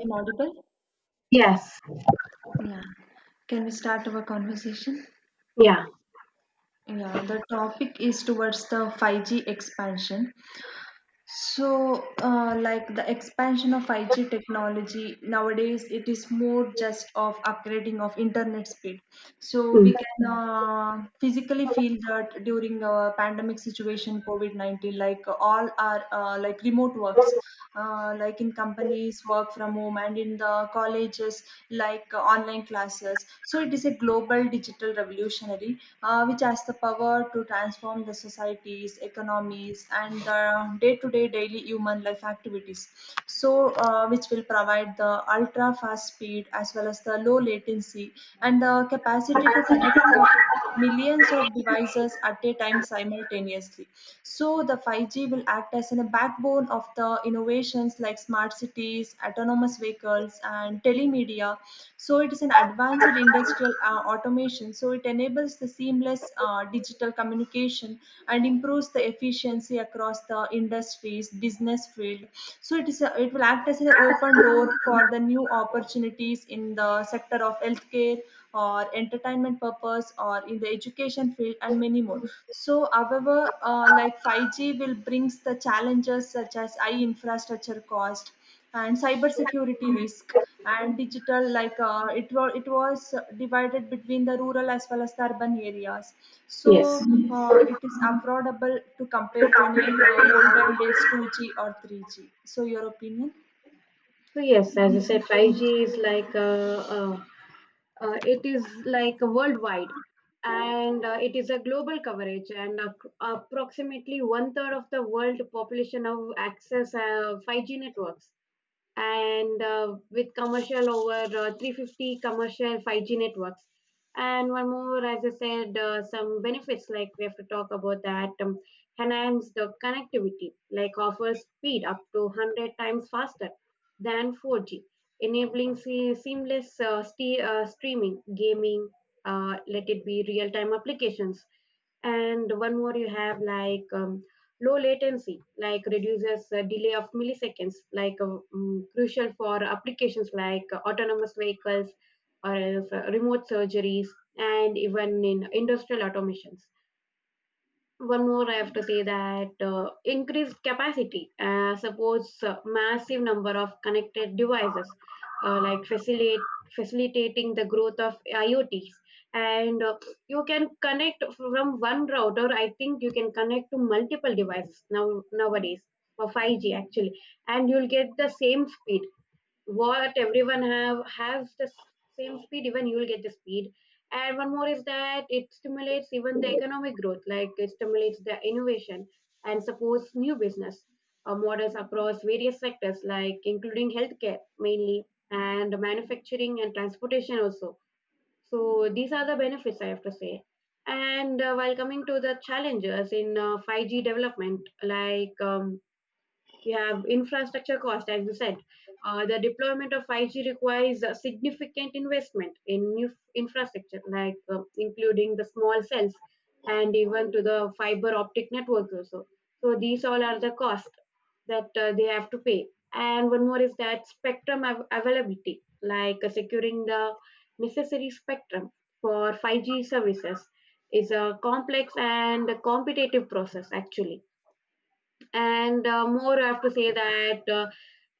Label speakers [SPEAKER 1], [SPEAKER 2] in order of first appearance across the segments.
[SPEAKER 1] I'm audible?
[SPEAKER 2] Yes,
[SPEAKER 1] Yeah. Can we start our conversation?
[SPEAKER 2] yeah,
[SPEAKER 1] Yeah, the topic is towards the 5G expansion. Like the expansion of 5G technology nowadays, it is more just of upgrading of internet speed. So
[SPEAKER 2] mm,
[SPEAKER 1] we can physically feel that during pandemic situation, COVID-19, like all our like remote works, like in companies work from home and in the colleges like online classes. So it is a global digital revolutionary, which has the power to transform the societies, economies, and the day to day daily human life activities. Which will provide the ultra fast speed as well as the low latency and the capacity to connect the millions of devices at a time simultaneously. So the 5G will act as a backbone of the innovations like smart cities, autonomous vehicles, and telemedia. So it is an advanced industrial automation. So it enables the seamless digital communication and improves the efficiency across the industries, business field. So it is a, it will act as an open door for the new opportunities in the sector of healthcare or entertainment purpose or in the education field and many more. So however, like 5G will brings the challenges such as high infrastructure cost and cyber security risk and digital like it was divided between the rural as well as the urban areas. So
[SPEAKER 2] yes.
[SPEAKER 1] it is affordable to compare to any olden days 2G or 3G. So your opinion?
[SPEAKER 2] So yes, as I said, 5G is like it is like worldwide, and it is a global coverage, and approximately one third of the world population have access 5G networks. And with commercial over 350 commercial 5G networks. And one more, as I said, some benefits like we have to talk about that, enhance the connectivity, like offers speed up to 100 times faster than 4G, enabling seamless ste streaming, gaming, let it be real time applications. And one more you have like low latency, like reduces delay of milliseconds, like crucial for applications like autonomous vehicles or else remote surgeries, and even in industrial automations. One more I have to say that increased capacity supports massive number of connected devices, like facilitate facilitating the growth of iots. And You can connect from one router, I think you can connect to multiple devices now nowadays for 5g actually, and you'll get the same speed, what everyone have has the same speed, even you will get the speed. And one more is that it stimulates even the economic growth, like it stimulates the innovation and supports new business models across various sectors like including healthcare mainly, and manufacturing and transportation also. So these are the benefits I have to say. And while coming to the challenges in 5g development, like you have infrastructure cost, as you said. The deployment of 5G requires a significant investment in new infrastructure, like including the small cells and even to the fiber optic network also. So these all are the cost that they have to pay. And one more is that spectrum availability, like securing the necessary spectrum for 5G services is a complex and a competitive process actually. And more, I have to say that uh,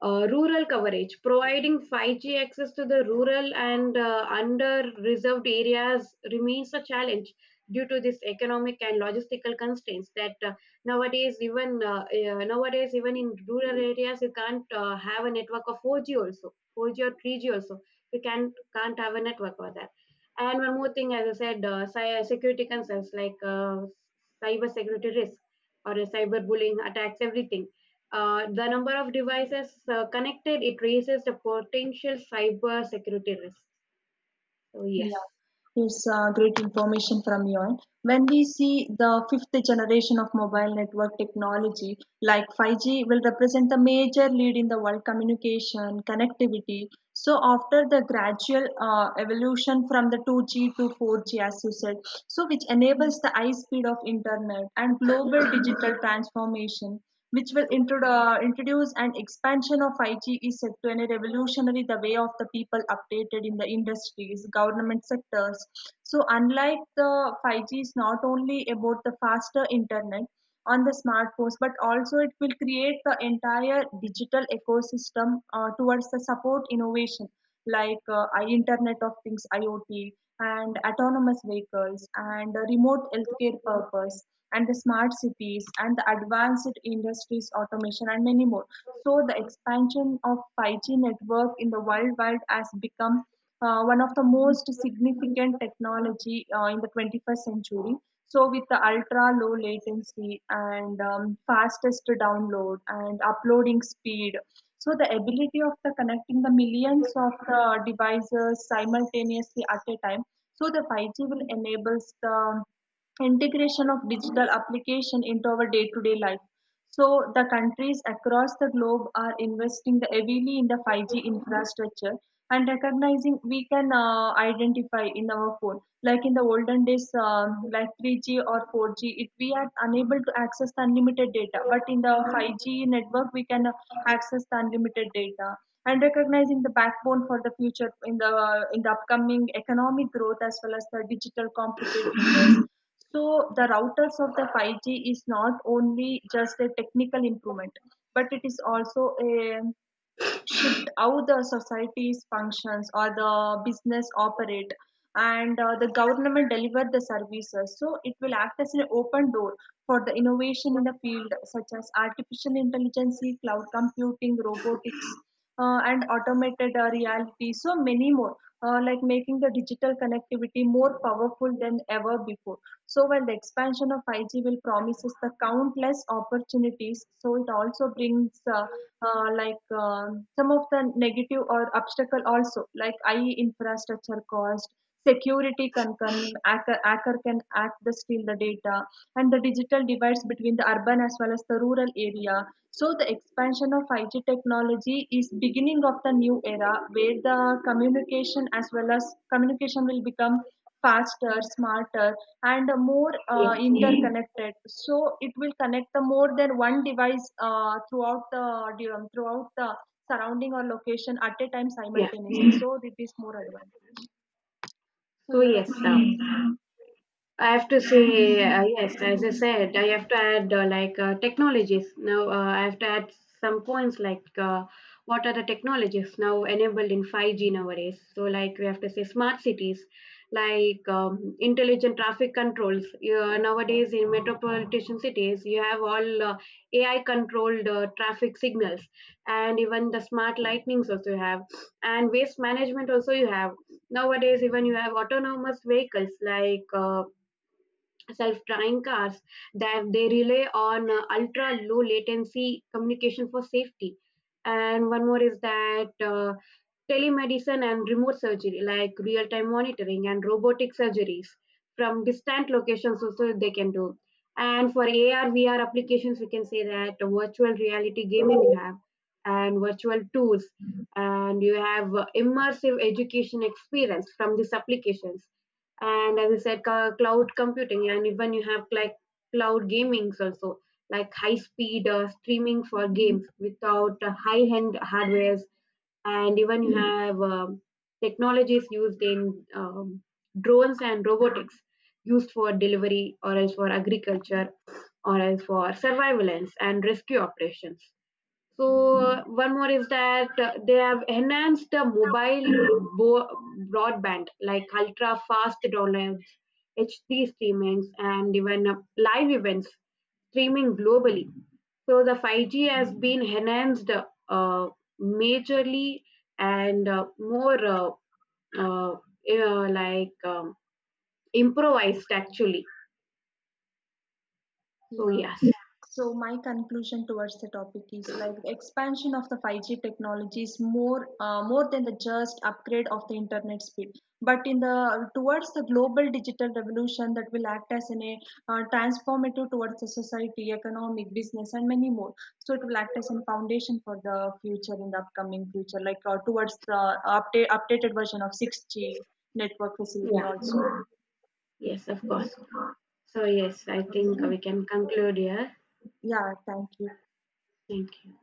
[SPEAKER 2] uh, rural coverage, providing 5G access to the rural and under reserved areas remains a challenge due to this economic and logistical constraints. That nowadays even Nowadays, even in rural areas you can't have a network of 4G also, 4G or 3G also, you can't have a network for that. And one more thing, as I said, security concerns, like cyber security risk or a cyber bullying attacks, everything. The number of devices connected, it raises the potential cyber security risk. So
[SPEAKER 1] Yeah,
[SPEAKER 2] yes,
[SPEAKER 1] it's great information from you. And when we see the fifth generation of mobile network technology, like 5G, will represent a major lead in the world communication connectivity. So after the gradual evolution from the 2G to 4G, as you said, so which enables the high speed of internet and global digital transformation which will introduce an expansion of 5G is set to a revolutionary the way of the people updated in the industries, government sectors. So unlike the 5G is not only about the faster internet on the smartphones, but also it will create the entire digital ecosystem towards the support innovation like Internet of Things IoT and autonomous vehicles and remote healthcare purpose and the smart cities and the advanced industries automation and many more. So the expansion of 5G network in the worldwide has become one of the most significant technology in the 21st century. So with the ultra low latency and fastest download and uploading speed, so the ability of the connecting the millions of the devices simultaneously at a time, so the 5G will enables the integration of digital application into our day-to-day life. So the countries across the globe are investing the heavily in the 5G infrastructure and recognizing we can identify in our phone. Like in the olden days, like 3G or 4G, it, we are unable to access the unlimited data. But in the 5G network, we can access the unlimited data and recognizing the backbone for the future in the upcoming economic growth as well as the digital competitiveness. So the routers of the 5G is not only just a technical improvement, but it is also a shift how the society's functions or the business operate and the government deliver the services. So it will act as an open door for the innovation in the field such as artificial intelligence, cloud computing, robotics, and automated reality, so many more, like making the digital connectivity more powerful than ever before. So, while the expansion of 5G will promises the countless opportunities, so it also brings some of the negative or obstacle also, like high infrastructure cost, security can concern, hacker, hacker can act the steal the data, and the digital divides between the urban as well as the rural area. So the expansion of 5G technology is beginning of the new era where the communication as well as communication will become faster, smarter, and more
[SPEAKER 2] yeah,
[SPEAKER 1] interconnected. So it will connect the more than one device throughout the surrounding or location at a time
[SPEAKER 2] yeah.
[SPEAKER 1] simultaneously. So it is more advanced. So
[SPEAKER 2] So
[SPEAKER 1] your
[SPEAKER 2] yes,
[SPEAKER 1] opinion?
[SPEAKER 2] I have to say, yes, as I said, I have to add like technologies. Now, I have to add some points like what are the technologies now enabled in 5G nowadays? So, like, we have to say smart cities, like intelligent traffic controls. Nowadays, in metropolitan cities, you have all AI controlled traffic signals, and even the smart lightnings also you have, and waste management also you have. Nowadays, even you have autonomous vehicles like self-driving cars that they rely on ultra low latency communication for safety. And one more is that telemedicine and remote surgery, like real-time monitoring and robotic surgeries from distant locations also they can do. And for AR, VR applications, we can say that virtual reality gaming you have, and virtual tools, and you have immersive education experience from these applications. And as I said, cloud computing, and even you have like cloud gaming also, like high speed streaming for games without high end hardwares. And even you have technologies used in drones and robotics used for delivery or else for agriculture or else for surveillance and rescue operations. So one more is that they have enhanced the mobile bo- broadband, like ultra fast downloads, HD streamings, and even live events streaming globally. So the 5G has been enhanced uh, majorly, and more uh, you like improvised actually. So
[SPEAKER 1] Yeah.
[SPEAKER 2] yes,
[SPEAKER 1] So my conclusion towards the topic is like the expansion of the 5G technology is more more than the just upgrade of the internet speed, but in the towards the global digital revolution that will act as in a transformative towards the society, economic, business, and many more. So it will act as a foundation for the future in the upcoming future, like towards the updated version of 6G network
[SPEAKER 2] yeah,
[SPEAKER 1] facility also.
[SPEAKER 2] yes, of course. So yes, I think we can conclude here.
[SPEAKER 1] Yeah. Thank you.
[SPEAKER 2] Thank you.